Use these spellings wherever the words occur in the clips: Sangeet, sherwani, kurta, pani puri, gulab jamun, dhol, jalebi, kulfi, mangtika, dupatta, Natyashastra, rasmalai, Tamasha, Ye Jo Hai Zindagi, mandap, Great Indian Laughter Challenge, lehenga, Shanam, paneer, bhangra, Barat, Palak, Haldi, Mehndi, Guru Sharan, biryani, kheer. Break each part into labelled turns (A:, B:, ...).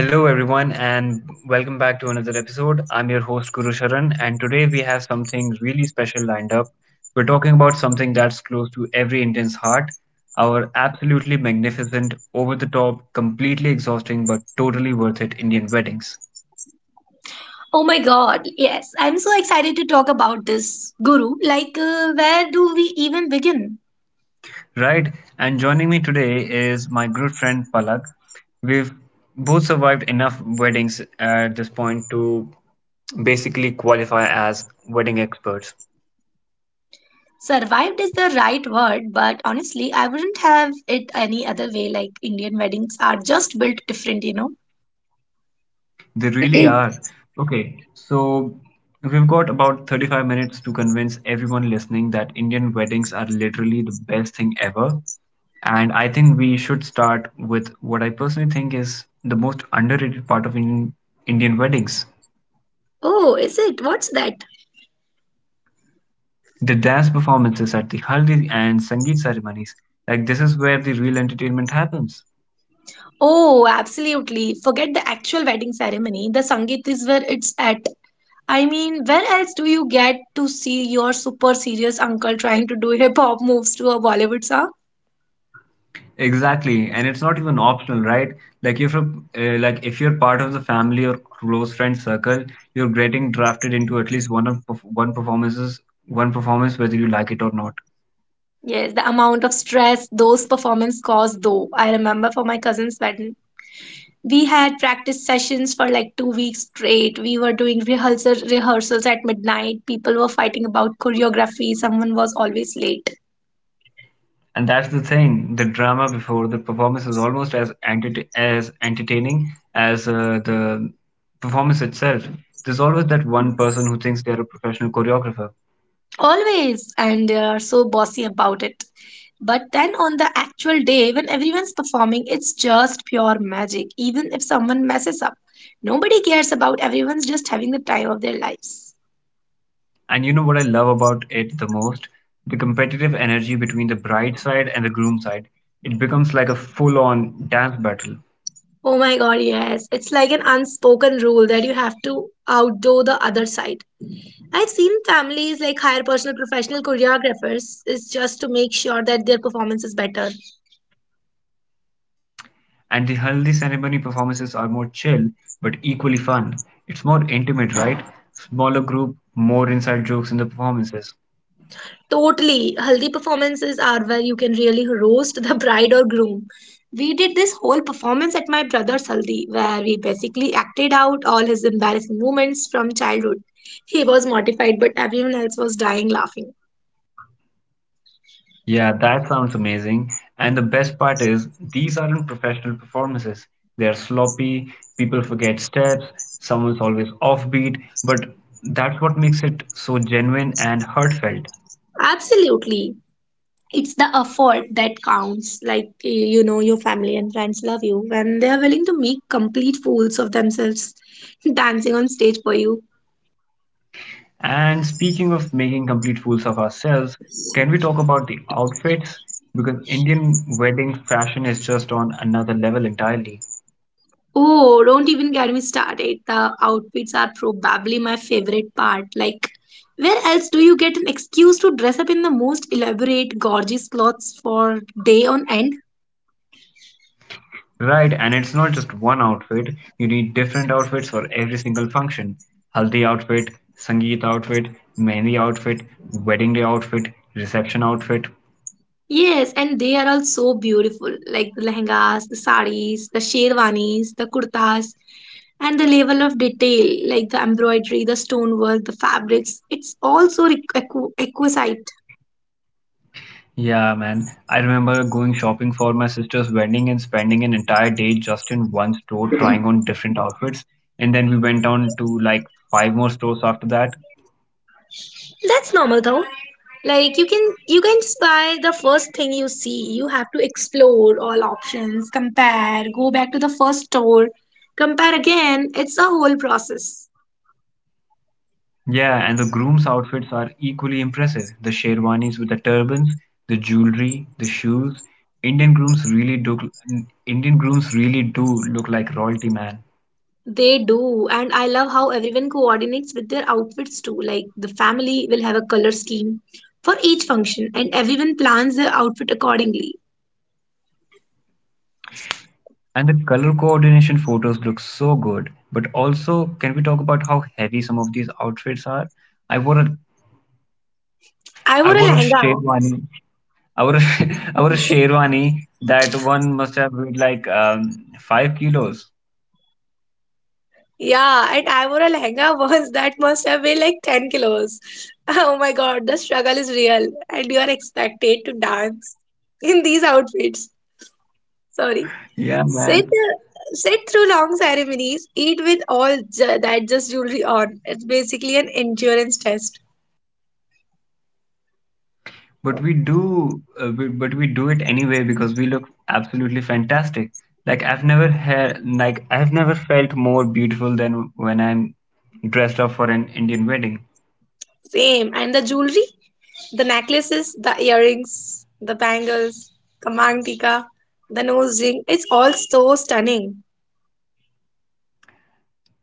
A: Hello, everyone, and welcome back to another episode. I'm your host, Guru Sharan, and today we have something really special lined up. We're talking about something that's close to every Indian's heart, our absolutely magnificent, over the top, completely exhausting, but totally worth it Indian weddings.
B: Oh my God, yes. I'm so excited to talk about this, Guru. Like, where do we even begin?
A: Right? And joining me today is my good friend, Palak. We've both survived enough weddings at this point to basically qualify as wedding experts.
B: Survived is the right word, but honestly, I wouldn't have it any other way. Like, Indian weddings are just built different, you know?
A: They really are. Okay, so we've got about 35 minutes to convince everyone listening that Indian weddings are literally the best thing ever. And I think we should start with what I personally think is the most underrated part of Indian weddings.
B: Oh, is it? What's that?
A: The dance performances at the haldi and sangeet ceremonies. Like this is where the real entertainment happens.
B: Oh, absolutely. Forget the actual wedding ceremony. The Sangeet is where it's at. I mean, where else do you get to see your super serious uncle trying to do hip hop moves to a Bollywood song?
A: Exactly, and it's not even optional, right? Like if you're, like if you're part of the family or close friend circle, you're getting drafted into at least one of perf- one performances, one performance whether you like it or not.
B: Yes, the amount of stress those performances caused, though. I remember for my cousin's wedding, we had practice sessions for like 2 weeks straight. We were doing rehearsals at midnight. People were fighting about choreography. Someone was always late.
A: And that's the thing. The drama before the performance is almost as entertaining as the performance itself. There's always that one person
B: Yes.
A: who thinks they're a professional choreographer.
B: Always. And they are so bossy about it. But then on the actual day, when everyone's performing, it's just pure magic. Even if someone messes up, nobody cares about everyone's just having the time of their lives.
A: And you know what I love about it the most? The competitive energy between the bride side and the groom side. It becomes like a full on dance battle.
B: Oh my god, yes. It's like an unspoken rule that you have to outdo the other side. I've seen families like hire personal professional choreographers is just to make sure that their performance is better.
A: And the haldi ceremony performances are more chill but equally fun. It's more intimate, right? Smaller group, more inside jokes in the performances.
B: Totally. Haldi performances are where you can really roast the bride or groom. We did this whole performance at my brother's Haldi where we basically acted out all his embarrassing moments from childhood. He was mortified, but everyone else was dying laughing.
A: Yeah, that sounds amazing. And the best part is, these aren't professional performances. They're sloppy, people forget steps, someone's always offbeat, but that's what makes it so genuine and heartfelt.
B: Absolutely. It's the effort that counts. Like, you know, your family and friends love you when they are willing to make complete fools of themselves dancing on stage for you.
A: And speaking of making complete fools of ourselves, can we talk about the outfits? Because Indian wedding fashion is just on another level entirely.
B: Oh, don't even get me started. The outfits are probably my favorite part. Like, where else do you get an excuse to dress up in the most elaborate, gorgeous clothes for day on end?
A: Right, and it's not just one outfit. You need different outfits for every single function. Haldi outfit, Sangeet outfit, Mehndi outfit, wedding day outfit, reception outfit.
B: Yes, and they are all so beautiful, like the lehengas, the saris, the sherwanis, the kurtas, and the level of detail, like the embroidery, the stonework, the fabrics. It's also exquisite.
A: Yeah, man. I remember going shopping for my sister's wedding and spending an entire day just in one store trying on different outfits. And then we went on to like five more stores after that.
B: That's normal though. Like you can just buy the first thing you see. You have to explore all options, compare, go back to the first store, compare again. It's a whole process.
A: Yeah, and the groom's outfits are equally impressive. The sherwanis with the turbans, the jewelry, the shoes. Indian grooms really do Indian grooms really do look like royalty, man.
B: They do, and I love how everyone coordinates with their outfits too. Like the family will have a color scheme for each function, and everyone plans their outfit accordingly.
A: And the color coordination photos look so good. But also, can we talk about how heavy some of these outfits are? I wore a
B: I
A: I
B: wore a
A: wore a
B: lehenga.
A: sherwani. I wore a I wore a sherwani that one must have weighed like 5 kilos.
B: Yeah, and I wore a lehenga once that must have weighed like 10 kilos. Oh my god, the struggle is real, and you are expected to dance in these outfits. Sorry.
A: Yeah, man.
B: Sit through long ceremonies, eat with that just jewelry on. It's basically an endurance test.
A: But we do it anyway because we look absolutely fantastic. Like I've never felt more beautiful than when I'm dressed up for an Indian wedding.
B: Same. And the jewelry, the necklaces, the earrings, the bangles, the mangtika, the nose ring. It's all so stunning.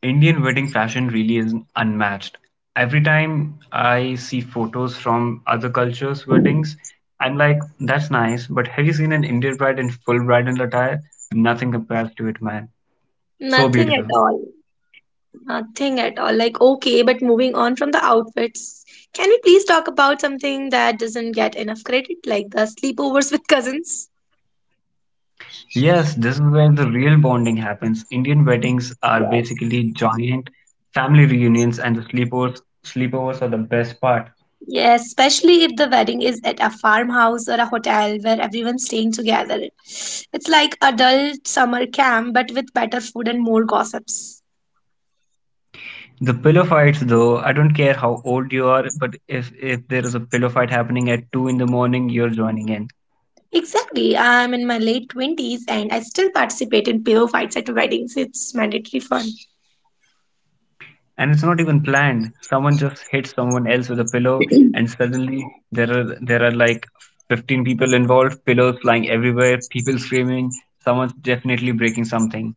A: Indian wedding fashion really is unmatched. Every time I see photos from other cultures' weddings, I'm like, that's nice, but have you seen an Indian bride in full bridal attire? Nothing compares to it, man. So
B: Nothing at
A: beautiful.
B: all. Nothing at all. Like, okay, but moving on from the outfits, can we please talk about something that doesn't get enough credit, like the sleepovers with cousins?
A: Yes, this is where the real bonding happens. Indian weddings are
B: Yes.
A: basically giant family reunions, and the sleepovers are the best part.
B: Yes, especially if the wedding is at a farmhouse or a hotel where everyone's staying together. It's like adult summer camp, but with better food and more gossips.
A: The pillow fights, though, I don't care how old you are, but if there is a pillow fight happening at 2 in the morning, you're joining in,
B: Exactly. I'm in my late 20s and I still participate in pillow fights at weddings. It's mandatory fun.
A: and it's not even planned. Someone just hits someone else with a pillow, and suddenly there are like 15 people involved, pillows flying everywhere, people screaming. Someone's definitely breaking something.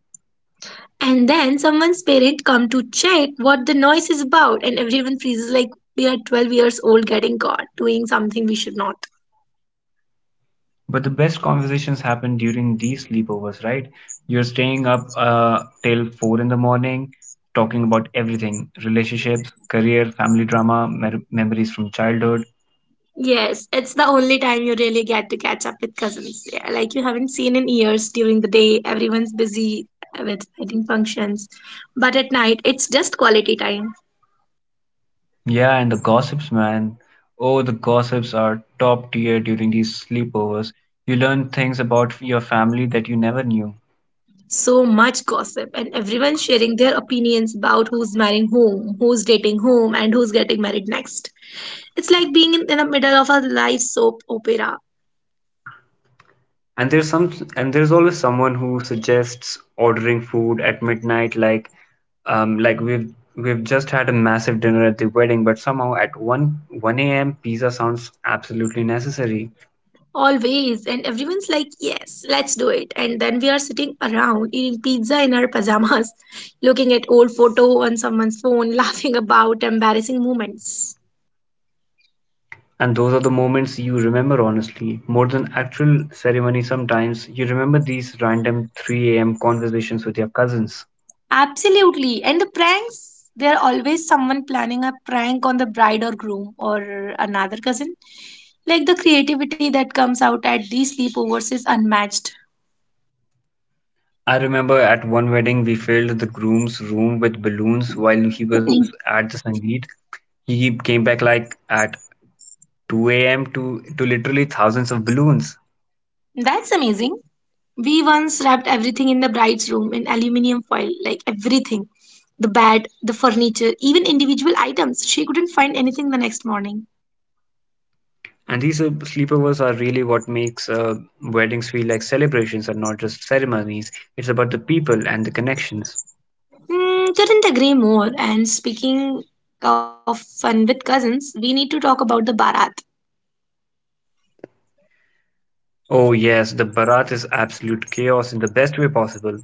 B: And then someone's parent come to check what the noise is about and everyone freezes like we are 12 years old getting caught doing something we should not.
A: But the best conversations happen during these sleepovers, right? You're staying up till 4 in the morning, talking about everything, relationships, career, family drama, memories from childhood.
B: Yes, it's the only time you really get to catch up with cousins. Yeah, like you haven't seen in years during the day, everyone's busy with wedding functions. But at night, it's just quality time.
A: Yeah, and the gossips, man. Oh, the gossips are top tier during these sleepovers. You learn things about your family that you never knew.
B: So much gossip, and everyone sharing their opinions about who's marrying whom, who's dating whom, and who's getting married next. It's like being in the middle of a live soap opera,
A: And there's always someone who suggests ordering food at midnight, like um, like we've we've just had a massive dinner at the wedding, but somehow at 1 a.m. pizza sounds absolutely necessary.
B: always, and everyone's like, yes, let's do it. And then we are sitting around eating pizza in our pajamas, looking at old photo on someone's phone, laughing about embarrassing moments.
A: And those are the moments you remember, honestly, more than actual ceremony sometimes. You remember these random 3 a.m. conversations with your cousins.
B: Absolutely. And the pranks, there are always someone planning a prank on the bride or groom or another cousin. Like the creativity that comes out at these sleepovers is unmatched.
A: I remember at one wedding we filled the groom's room with balloons while he was at the Sangeet. He came back like at 2 a.m. to literally thousands of balloons.
B: That's amazing. We once wrapped everything in the bride's room in aluminium foil, like everything the bed, the furniture, even individual items. She couldn't find anything the next morning.
A: And these sleepovers are really what makes weddings feel like celebrations and not just ceremonies. It's about the people and the connections.
B: Mm, couldn't agree more. And speaking of fun with cousins, we need to talk about the Barat.
A: Oh yes, the barat is absolute chaos in the best way possible.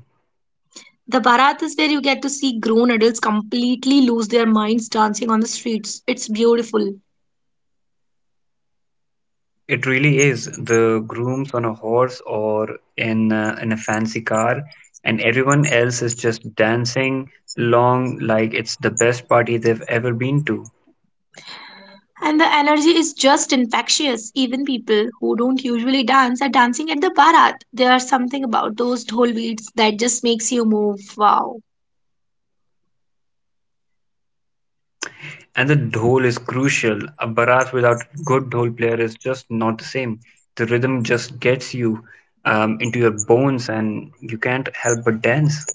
B: The Barat is where you get to see grown adults completely lose their minds dancing on the streets. It's beautiful.
A: It really is. The groom's on a horse or in a fancy car, and everyone else is just dancing along like it's the best party they've ever been to.
B: And the energy is just infectious. Even people who don't usually dance are dancing at the Bharat. There's something about those dhol beats that just makes you move. Wow.
A: And the dhol is crucial. A bharat without a good dhol player is just not the same. The rhythm just gets you into your bones and you can't help but dance.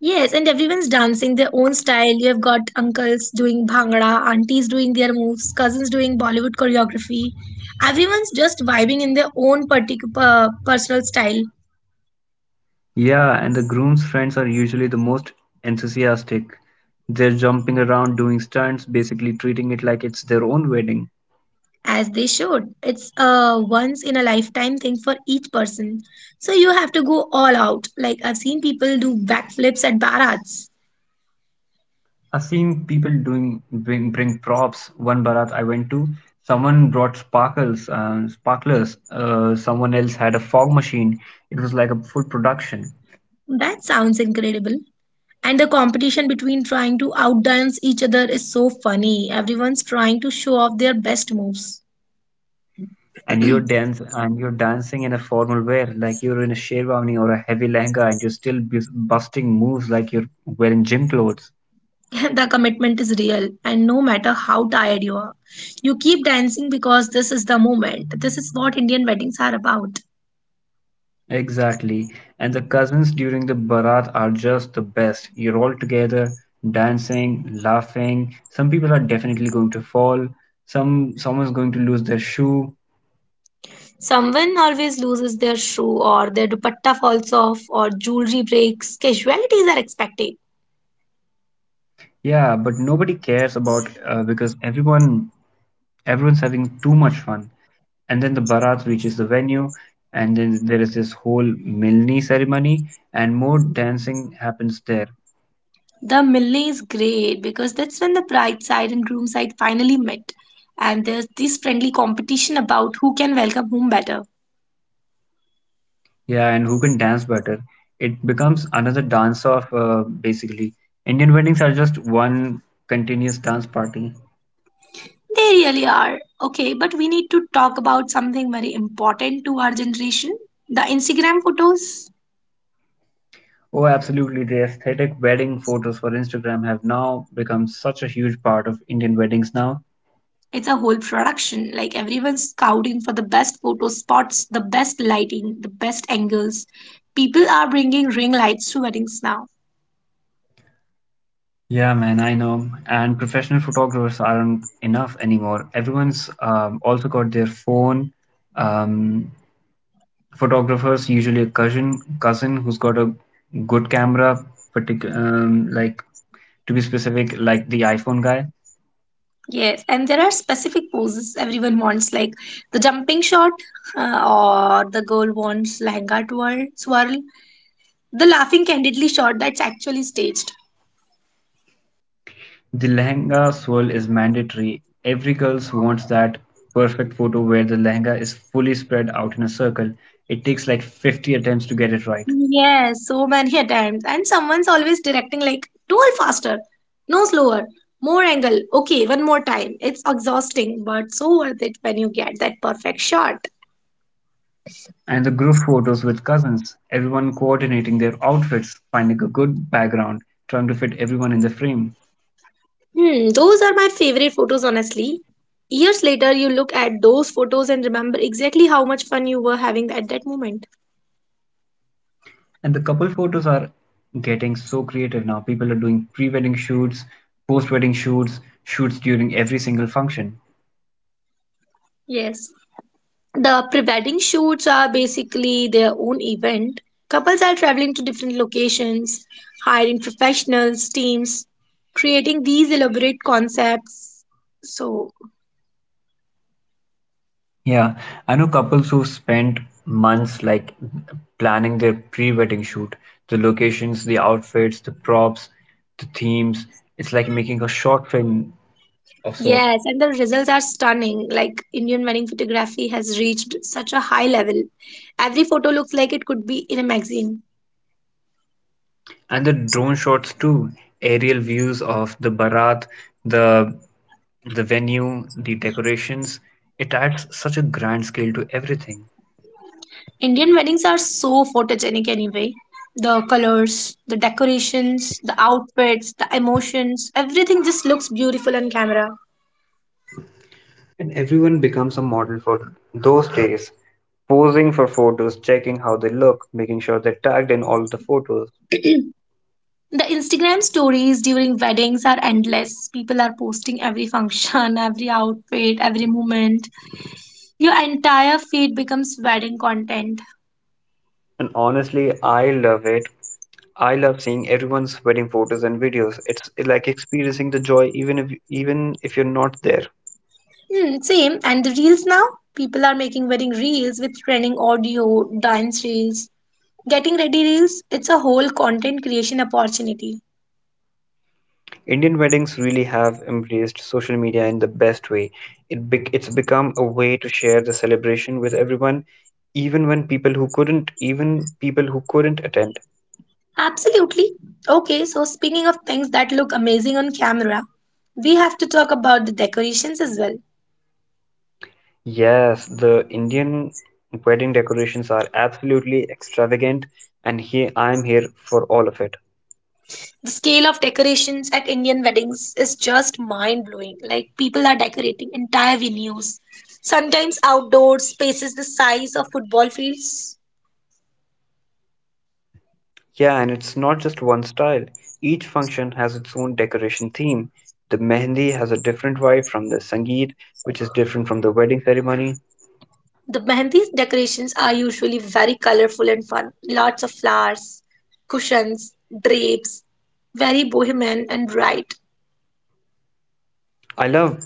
B: Yes, and everyone's dancing their own style. You've got uncles doing bhangra, aunties doing their moves, cousins doing Bollywood choreography. Everyone's just vibing in their own particular personal style.
A: Yeah, and the groom's friends are usually the most enthusiastic. They're jumping around doing stunts, basically treating it like it's their own wedding.
B: As they should. It's a once in a lifetime thing for each person. So you have to go all out. Like I've seen people do backflips at barats.
A: I've seen people bring props. One barat I went to, someone brought sparkles, sparklers. Someone else had a fog machine. It was like a full production.
B: That sounds incredible. And the competition between trying to outdance each other is so funny. Everyone's trying to show off their best moves.
A: And you're dancing in a formal wear, like you're in a sherwani or a heavy lehenga, and you're still busting moves like you're wearing gym clothes.
B: The commitment is real, and no matter how tired you are, you keep dancing because this is the moment. This is what Indian weddings are about.
A: Exactly. And the cousins during the barat are just the best. You're all together, dancing, laughing. Some people are definitely going to fall. Someone's going to lose their shoe.
B: Someone always loses their shoe, or their dupatta falls off, or jewelry breaks. Casualties are expected.
A: Yeah, but nobody cares about because everyone's having too much fun. And then the barat reaches the venue, and then there is this whole milni ceremony and more dancing happens there.
B: The melee is great because that's when the bride side and groom side finally met, and there's this friendly competition about who can welcome whom better.
A: Yeah, and who can dance better? It becomes another dance off, basically. Indian weddings are just one continuous dance party.
B: They really are. Okay, but we need to talk about something very important to our generation, the Instagram photos.
A: Oh absolutely, the aesthetic wedding photos for Instagram have now become such a huge part of Indian weddings now.
B: It's a whole production. Like everyone's scouting for the best photo spots, the best lighting, the best angles. People are bringing ring lights to weddings now.
A: Yeah, man, I know. And professional photographers aren't enough anymore. Everyone's also got their phone. Um, Photographers, usually a cousin who's got a good camera, particular, to be specific, like the iPhone guy.
B: Yes, and there are specific poses everyone wants, like the jumping shot, uh, or the girl wants lehenga twirl, swirl, the laughing candidly shot that's actually staged.
A: The lehenga swirl is mandatory. Every girl wants that perfect photo where the lehenga is fully spread out in a circle. It takes like 50 attempts to get it right.
B: Yes, so many a times. And someone's always directing like, twirl faster, no slower, more angle. Okay, one more time. It's exhausting, but so worth it when you get that perfect shot.
A: And the group photos with cousins, everyone coordinating their outfits, finding a good background, trying to fit everyone in the frame.
B: Hmm, those are my favorite photos, honestly. Years later, you look at those photos and remember exactly how much fun you were having at that moment.
A: And the couple photos are getting so creative now. People are doing pre wedding shoots, post wedding shoots, shoots during every single function.
B: Yes. The pre wedding shoots are basically their own event. Couples are traveling to different locations, hiring professionals, teams, creating these elaborate concepts. So,
A: Yeah, I know couples who spent months like planning their pre wedding shoot, the locations, the outfits, the props, the themes. It's like making a short film of sort.
B: yes, and the results are stunning. Like, Indian wedding photography has reached such a high level. Every photo looks like it could be in a magazine.
A: And the drone shots too, aerial views of the barat, the the venue, the decorations. It adds such a grand scale to everything.
B: Indian weddings are so photogenic anyway. The colors, the decorations, the outfits, the emotions, everything just looks beautiful on camera.
A: And everyone becomes a model for those days, posing for photos, checking how they look, making sure they're tagged in all the photos.
B: The Instagram stories during weddings are endless. People are posting every function, every outfit, every moment. Your entire feed becomes wedding content.
A: And honestly, I love it. I love seeing everyone's wedding photos and videos. It's like experiencing the joy even if you're not there.
B: Hmm, same. And the reels now? People are making wedding reels with trending audio, dance reels, getting ready reels. It's a whole content creation opportunity.
A: Indian weddings really have embraced social media in the best way. It's become a way to share the celebration with everyone, even when people who couldn't even people who couldn't attend.
B: Absolutely. Okay, so speaking of things that look amazing on camera, we have to talk about the decorations as well.
A: Yes, the Indian wedding decorations are absolutely extravagant, and here I am here for all of it.
B: The scale of decorations at Indian weddings is just mind blowing. Like, people are decorating entire venues, sometimes outdoor spaces the size of football fields.
A: Yeah, and it's not just one style. Each function has its own decoration theme. The mehendi has a different vibe from the sangeet, which is different from the wedding ceremony.
B: The Mehndi decorations are usually very colorful and fun. Lots of flowers, cushions, drapes, very bohemian and bright.
A: I love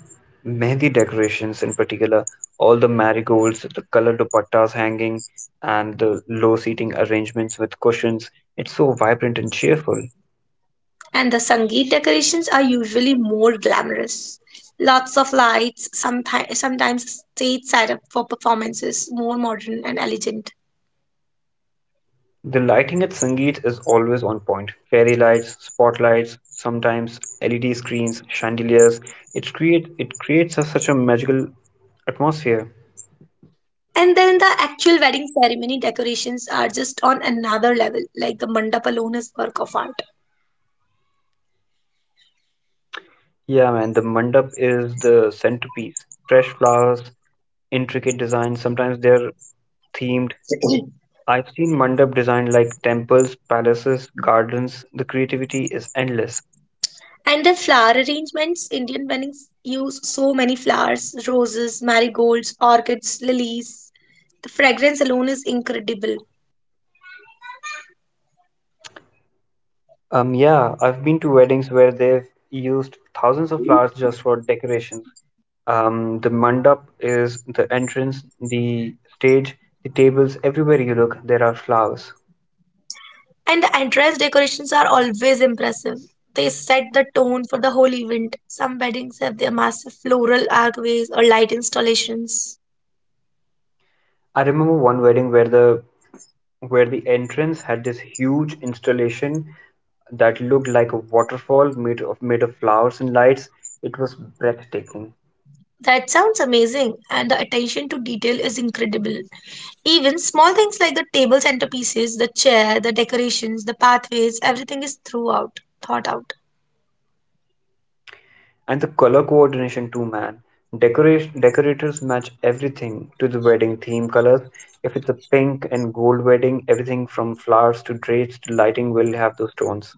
A: mehendi decorations in particular, all the marigolds, the colored dupattas hanging, and the low seating arrangements with cushions. It's so vibrant and cheerful.
B: And the Sangeet decorations are usually more glamorous. Lots of lights, sometimes stage setup for performances, more modern and elegant.
A: The lighting at Sangeet is always on point. Fairy lights, spotlights, sometimes LED screens, chandeliers. It creates a, such a magical atmosphere.
B: And then the actual wedding ceremony decorations are just on another level, like the mandap alone is work of art.
A: Yeah, man, the mandap is the centerpiece. Fresh flowers, intricate designs. Sometimes they're themed. I've seen mandap designed like temples, palaces, gardens. The creativity is endless.
B: And the flower arrangements, Indian weddings use so many flowers, roses, marigolds, orchids, lilies. The fragrance alone is incredible.
A: Yeah, I've been to weddings where they've used thousands of flowers just for decorations. The mandap is the entrance, the stage, the tables, everywhere you look, there are flowers.
B: And the entrance decorations are always impressive. They set the tone for the whole event. Some weddings have their massive floral archways or light installations.
A: I remember one wedding where the entrance had this huge installation that looked like a waterfall made of flowers and lights. It was breathtaking.
B: That sounds amazing, and the attention to detail is incredible. Even small things like the table centerpieces, the chair, the decorations, the pathways, everything is thought out.
A: And the color coordination too, man. Decorators match everything to the wedding theme colors. If it's a pink and gold wedding, everything from flowers to drapes to lighting will have those tones.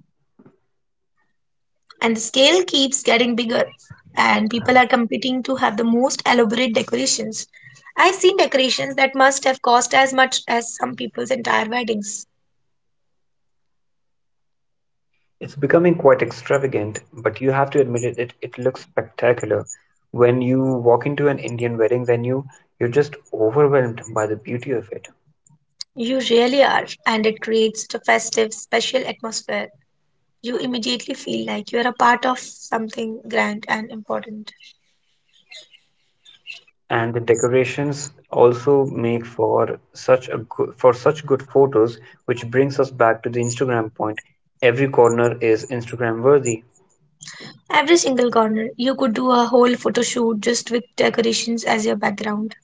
B: And the scale keeps getting bigger, and people are competing to have the most elaborate decorations. I've seen decorations that must have cost as much as some people's entire weddings.
A: It's becoming quite extravagant, but you have to admit it looks spectacular. When you walk into an Indian wedding venue, you're just overwhelmed by the beauty of it.
B: You really are, and it creates a festive, special atmosphere. You immediately feel like you are a part of something grand and important.
A: And the decorations also make for such good photos, which brings us back to the Instagram point. Every corner is Instagram worthy.
B: Every single corner. You could do a whole photo shoot just with decorations as your background.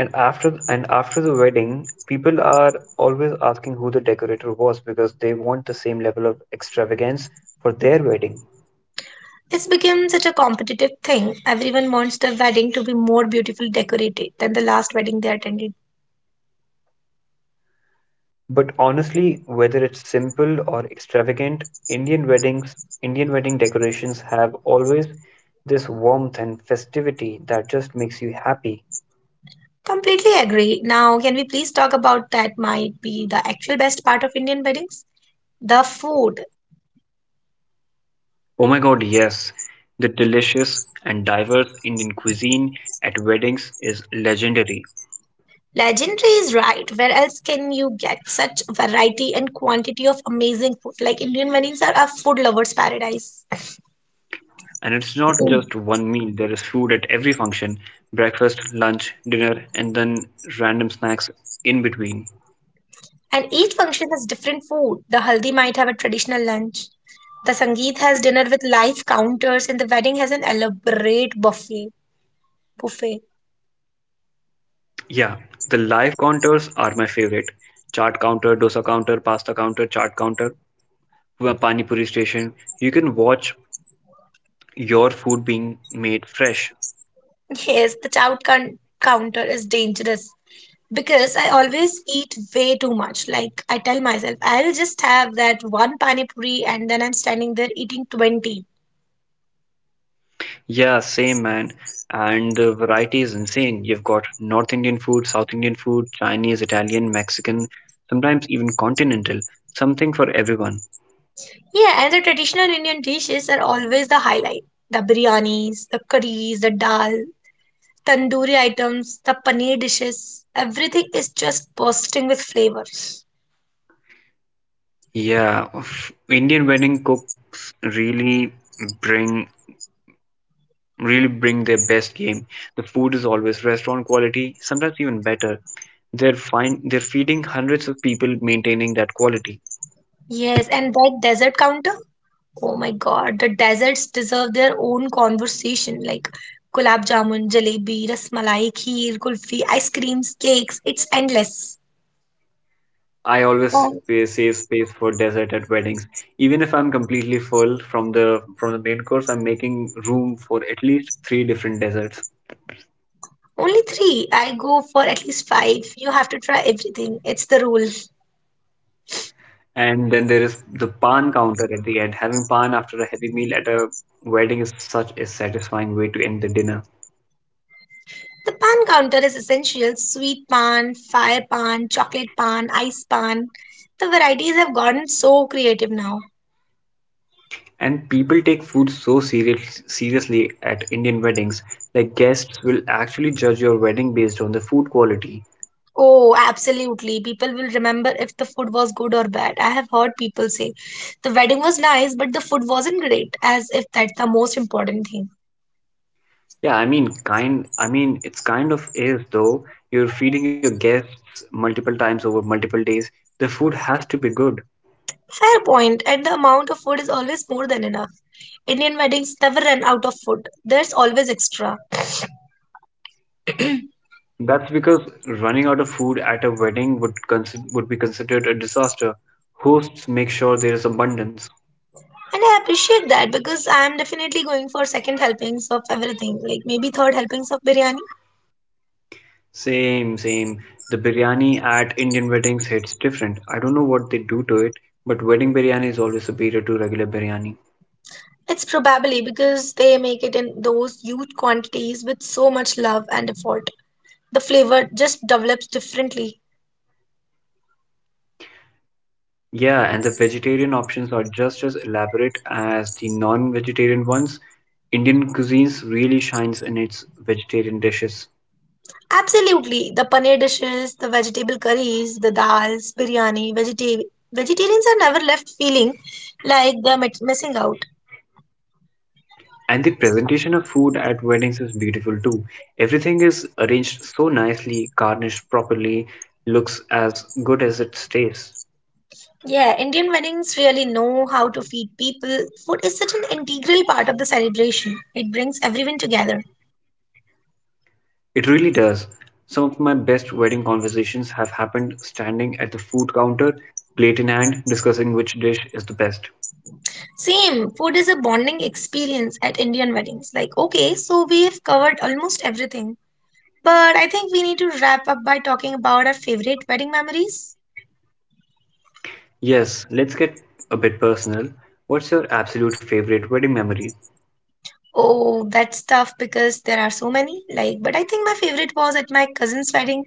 A: And after the wedding, people are always asking who the decorator was because they want the same level of extravagance for their wedding.
B: It's become such a competitive thing. Everyone wants their wedding to be more beautifully decorated than the last wedding they attended.
A: But honestly, whether it's simple or extravagant, indian weddings Indian wedding decorations have always this warmth and festivity that just makes you happy.
B: Completely agree. Now, can we please talk about that might be the actual best part of Indian weddings? The food.
A: Oh my God, yes. The delicious and diverse Indian cuisine at weddings is legendary.
B: Legendary is right. Where else can you get such variety and quantity of amazing food? Like, Indian weddings are a food lover's paradise.
A: And it's not just one meal, there is food at every function: breakfast, lunch, dinner, and then random snacks in between.
B: And each function has different food. The haldi might have a traditional lunch. The sangeet has dinner with live counters, and the wedding has an elaborate buffet. Buffet.
A: Yeah, the live counters are my favorite: chaat counter, dosa counter, pasta counter, chaat counter, pani puri station. You can watch your food being made fresh.
B: Yes, the counter is dangerous because I always eat way too much. Like, I tell myself, I'll just have that one pani puri, and then I'm standing there eating 20.
A: Yeah, same, man. And the variety is insane. You've got North Indian food, South Indian food, Chinese, Italian, Mexican, sometimes even continental. Something for everyone.
B: Yeah, and the traditional Indian dishes are always the highlight. The biryanis, the curries, the dal, tandoori items, the paneer dishes, everything is just bursting with flavors.
A: Yeah, Indian wedding cooks bring really bring their best game. The food is always restaurant quality, sometimes even better. They're fine, they're feeding hundreds of people, maintaining that quality.
B: Yes, and that dessert counter? Oh my God, the desserts deserve their own conversation, like gulab jamun, jalebi, rasmalai, kheer, kulfi, ice creams, cakes. It's endless.
A: I always
B: Oh,
A: save space for dessert at weddings. Even if I'm completely full from the main course, I'm making room for at least three different desserts.
B: only three? I go for at least five. You have to try everything. It's the rule.
A: And then there is the pan counter at the end. Having pan after a heavy meal at a wedding is such a satisfying way to end the dinner.
B: The pan counter is essential. Sweet pan, fire pan, chocolate pan, ice pan. The varieties have gotten so creative now.
A: And people take food so seriously at Indian weddings. Like, guests will actually judge your wedding based on the food quality.
B: Oh, absolutely. People will remember if the food was good or bad. I have heard people say the wedding was nice, but the food wasn't great, as if that's the most important thing.
A: I mean, it's kind of is though. You're feeding your guests multiple times over multiple days. The food has to be good.
B: Fair point, and the amount of food is always more than enough. Indian weddings never run out of food, there's always extra.
A: That's because running out of food at a wedding would be considered a disaster. Hosts make sure there is abundance.
B: And I appreciate that, because I'm definitely going for second helpings of everything, like maybe third helpings of biryani.
A: Same, same. The biryani at Indian weddings hits different. I don't know what they do to it, but wedding biryani is always superior to regular biryani.
B: It's probably because they make it in those huge quantities with so much love and effort. The flavor just develops differently.
A: Yeah, and the vegetarian options are just as elaborate as the non-vegetarian ones. Indian cuisines really shines in its vegetarian dishes.
B: Absolutely. The paneer dishes, the vegetable curries, the dals, biryani, vegetarians are never left feeling like they're missing out.
A: And the presentation of food at weddings is beautiful too. Everything is arranged so nicely, garnished properly, looks as good as it stays.
B: Yeah, Indian weddings really know how to feed people. Food is such an integral part of the celebration. It brings everyone together.
A: It really does. Some of my best wedding conversations have happened standing at the food counter, plate in hand, discussing which dish is the best.
B: Same, food is a bonding experience at Indian weddings. Like, okay, so we have covered almost everything. But I think we need to wrap up by talking about our favorite wedding memories.
A: Yes, let's get a bit personal. What's your absolute favorite wedding memory?
B: Oh, that's tough because there are so many. Like, but I think my favorite was at my cousin's wedding.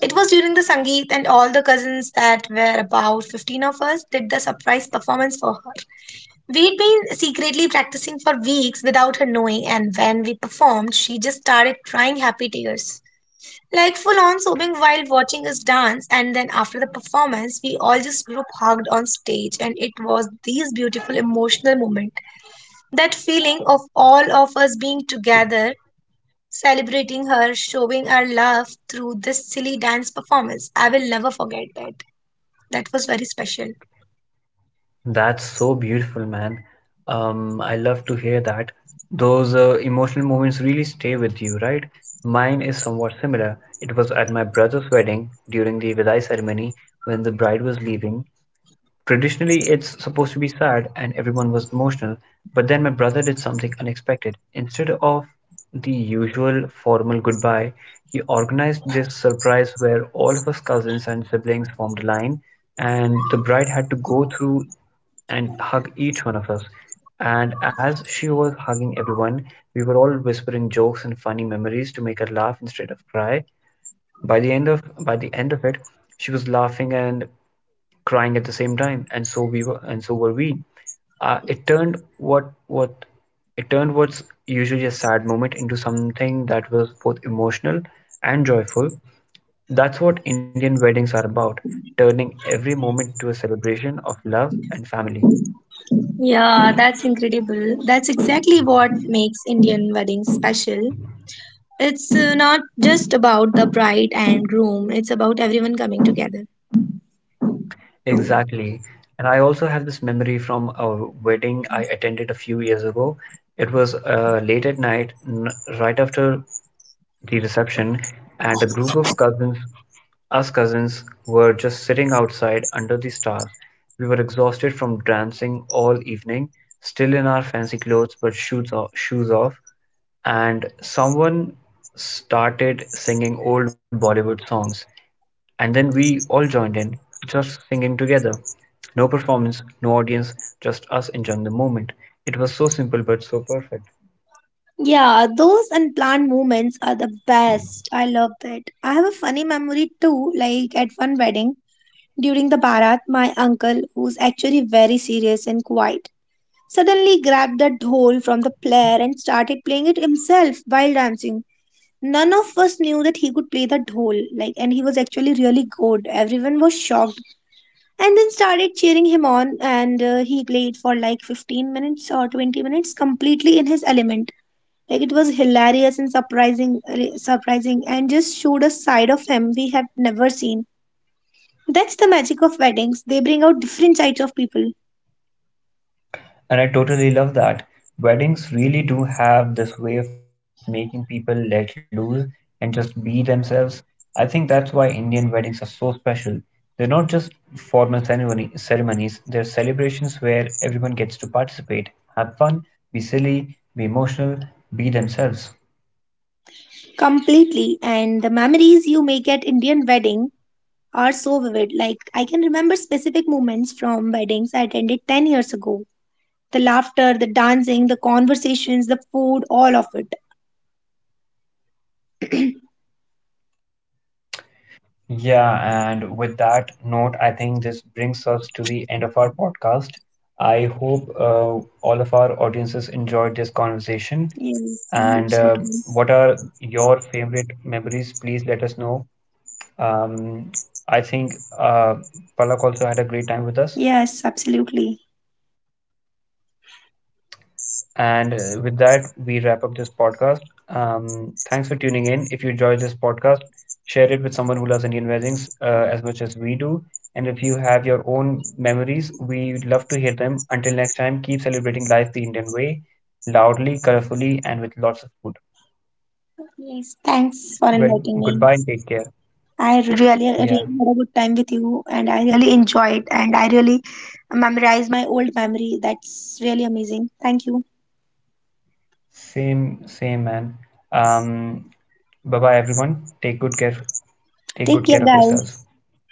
B: It was during the Sangeet, and all the cousins, that were about 15 of us, did the surprise performance for her. We'd been secretly practicing for weeks without her knowing, and when we performed, she just started crying happy tears. Like, full on sobbing while watching us dance, and then after the performance, we all just group hugged on stage, and it was this beautiful emotional moment. That feeling of all of us being together, celebrating her, showing our love through this silly dance performance. I will never forget that. That was very special.
A: That's so beautiful, man. I love to hear that. Those emotional moments really stay with you, right? Mine is somewhat similar. It was at my brother's wedding during the Vidai ceremony when the bride was leaving. Traditionally, it's supposed to be sad and everyone was emotional, but then my brother did something unexpected. Instead of the usual formal goodbye, he organized this surprise where all of us cousins and siblings formed a line, and the bride had to go through and hug each one of us. And as she was hugging everyone, we were all whispering jokes and funny memories to make her laugh instead of cry. By the end of it, she was laughing and crying at the same time, and so were we. Uh, it turned what what it turned what's usually a sad moment into something that was both emotional and joyful. That's what Indian weddings are about, turning every moment into a celebration of love and family.
B: Yeah, that's incredible. That's exactly what makes Indian weddings special. It's not just about the bride and groom, it's about everyone coming together.
A: Exactly. And I also have this memory from a wedding I attended a few years ago. It was late at night, right after the reception, and a group of cousins, us cousins, were just sitting outside under the stars. We were exhausted from dancing all evening, still in our fancy clothes but shoes off, and someone started singing old Bollywood songs. And then we all joined in, just singing together. No performance, no audience, just us enjoying the moment. It was so simple but so perfect.
B: Yeah, those unplanned moments are the best. I love that. I have a funny memory too. Like, at one wedding during the Bharat, my uncle, who's actually very serious and quiet, suddenly grabbed the dhol from the player and started playing it himself while dancing. None of us knew that he could play the dhol, like, and he was actually really good. Everyone was shocked and then started cheering him on. And he played for like 15 minutes or 20 minutes, completely in his element. Like, it was hilarious and surprising, and just showed a side of him we have never seen. That's the magic of weddings. They bring out different sides of people
A: And I totally love that. Weddings really do have this way of making people let loose and just be themselves. I think that's why Indian weddings are so special. They're not just formal ceremonies, they're celebrations where everyone gets to participate, have fun, be silly, be emotional, be themselves.
B: completely. And the memories you make at Indian wedding are so vivid. Like, I can remember specific moments from weddings I attended 10 years ago, the laughter, the dancing, the conversations, the food, all of it.
A: Yeah, and with that note, I think this brings us to the end of our podcast. I hope all of our audiences enjoyed this conversation.
B: Yes, I hope
A: And
B: so too.
A: what are your favorite memories? Please let us know. Um, I think Palak also had a great time with us.
B: Yes, absolutely.
A: And with that, we wrap up this podcast. Thanks for tuning in. If you enjoyed this podcast, share it with someone who loves Indian weddings as much as we do. And if you have your own memories, we'd love to hear them. Until next time, keep celebrating life the Indian way, loudly, colorfully, and with lots of food.
B: Yes, thanks for
A: Well,
B: inviting me.
A: goodbye and take care.
B: I really had a
A: Yeah,
B: good time with you, and I really enjoyed, and I really memorized my old memory. That's really amazing. Thank you.
A: same, same, man. Um, bye bye, everyone. Take good care.
B: Take care,
A: Take
B: guys.
A: good care of yourselves.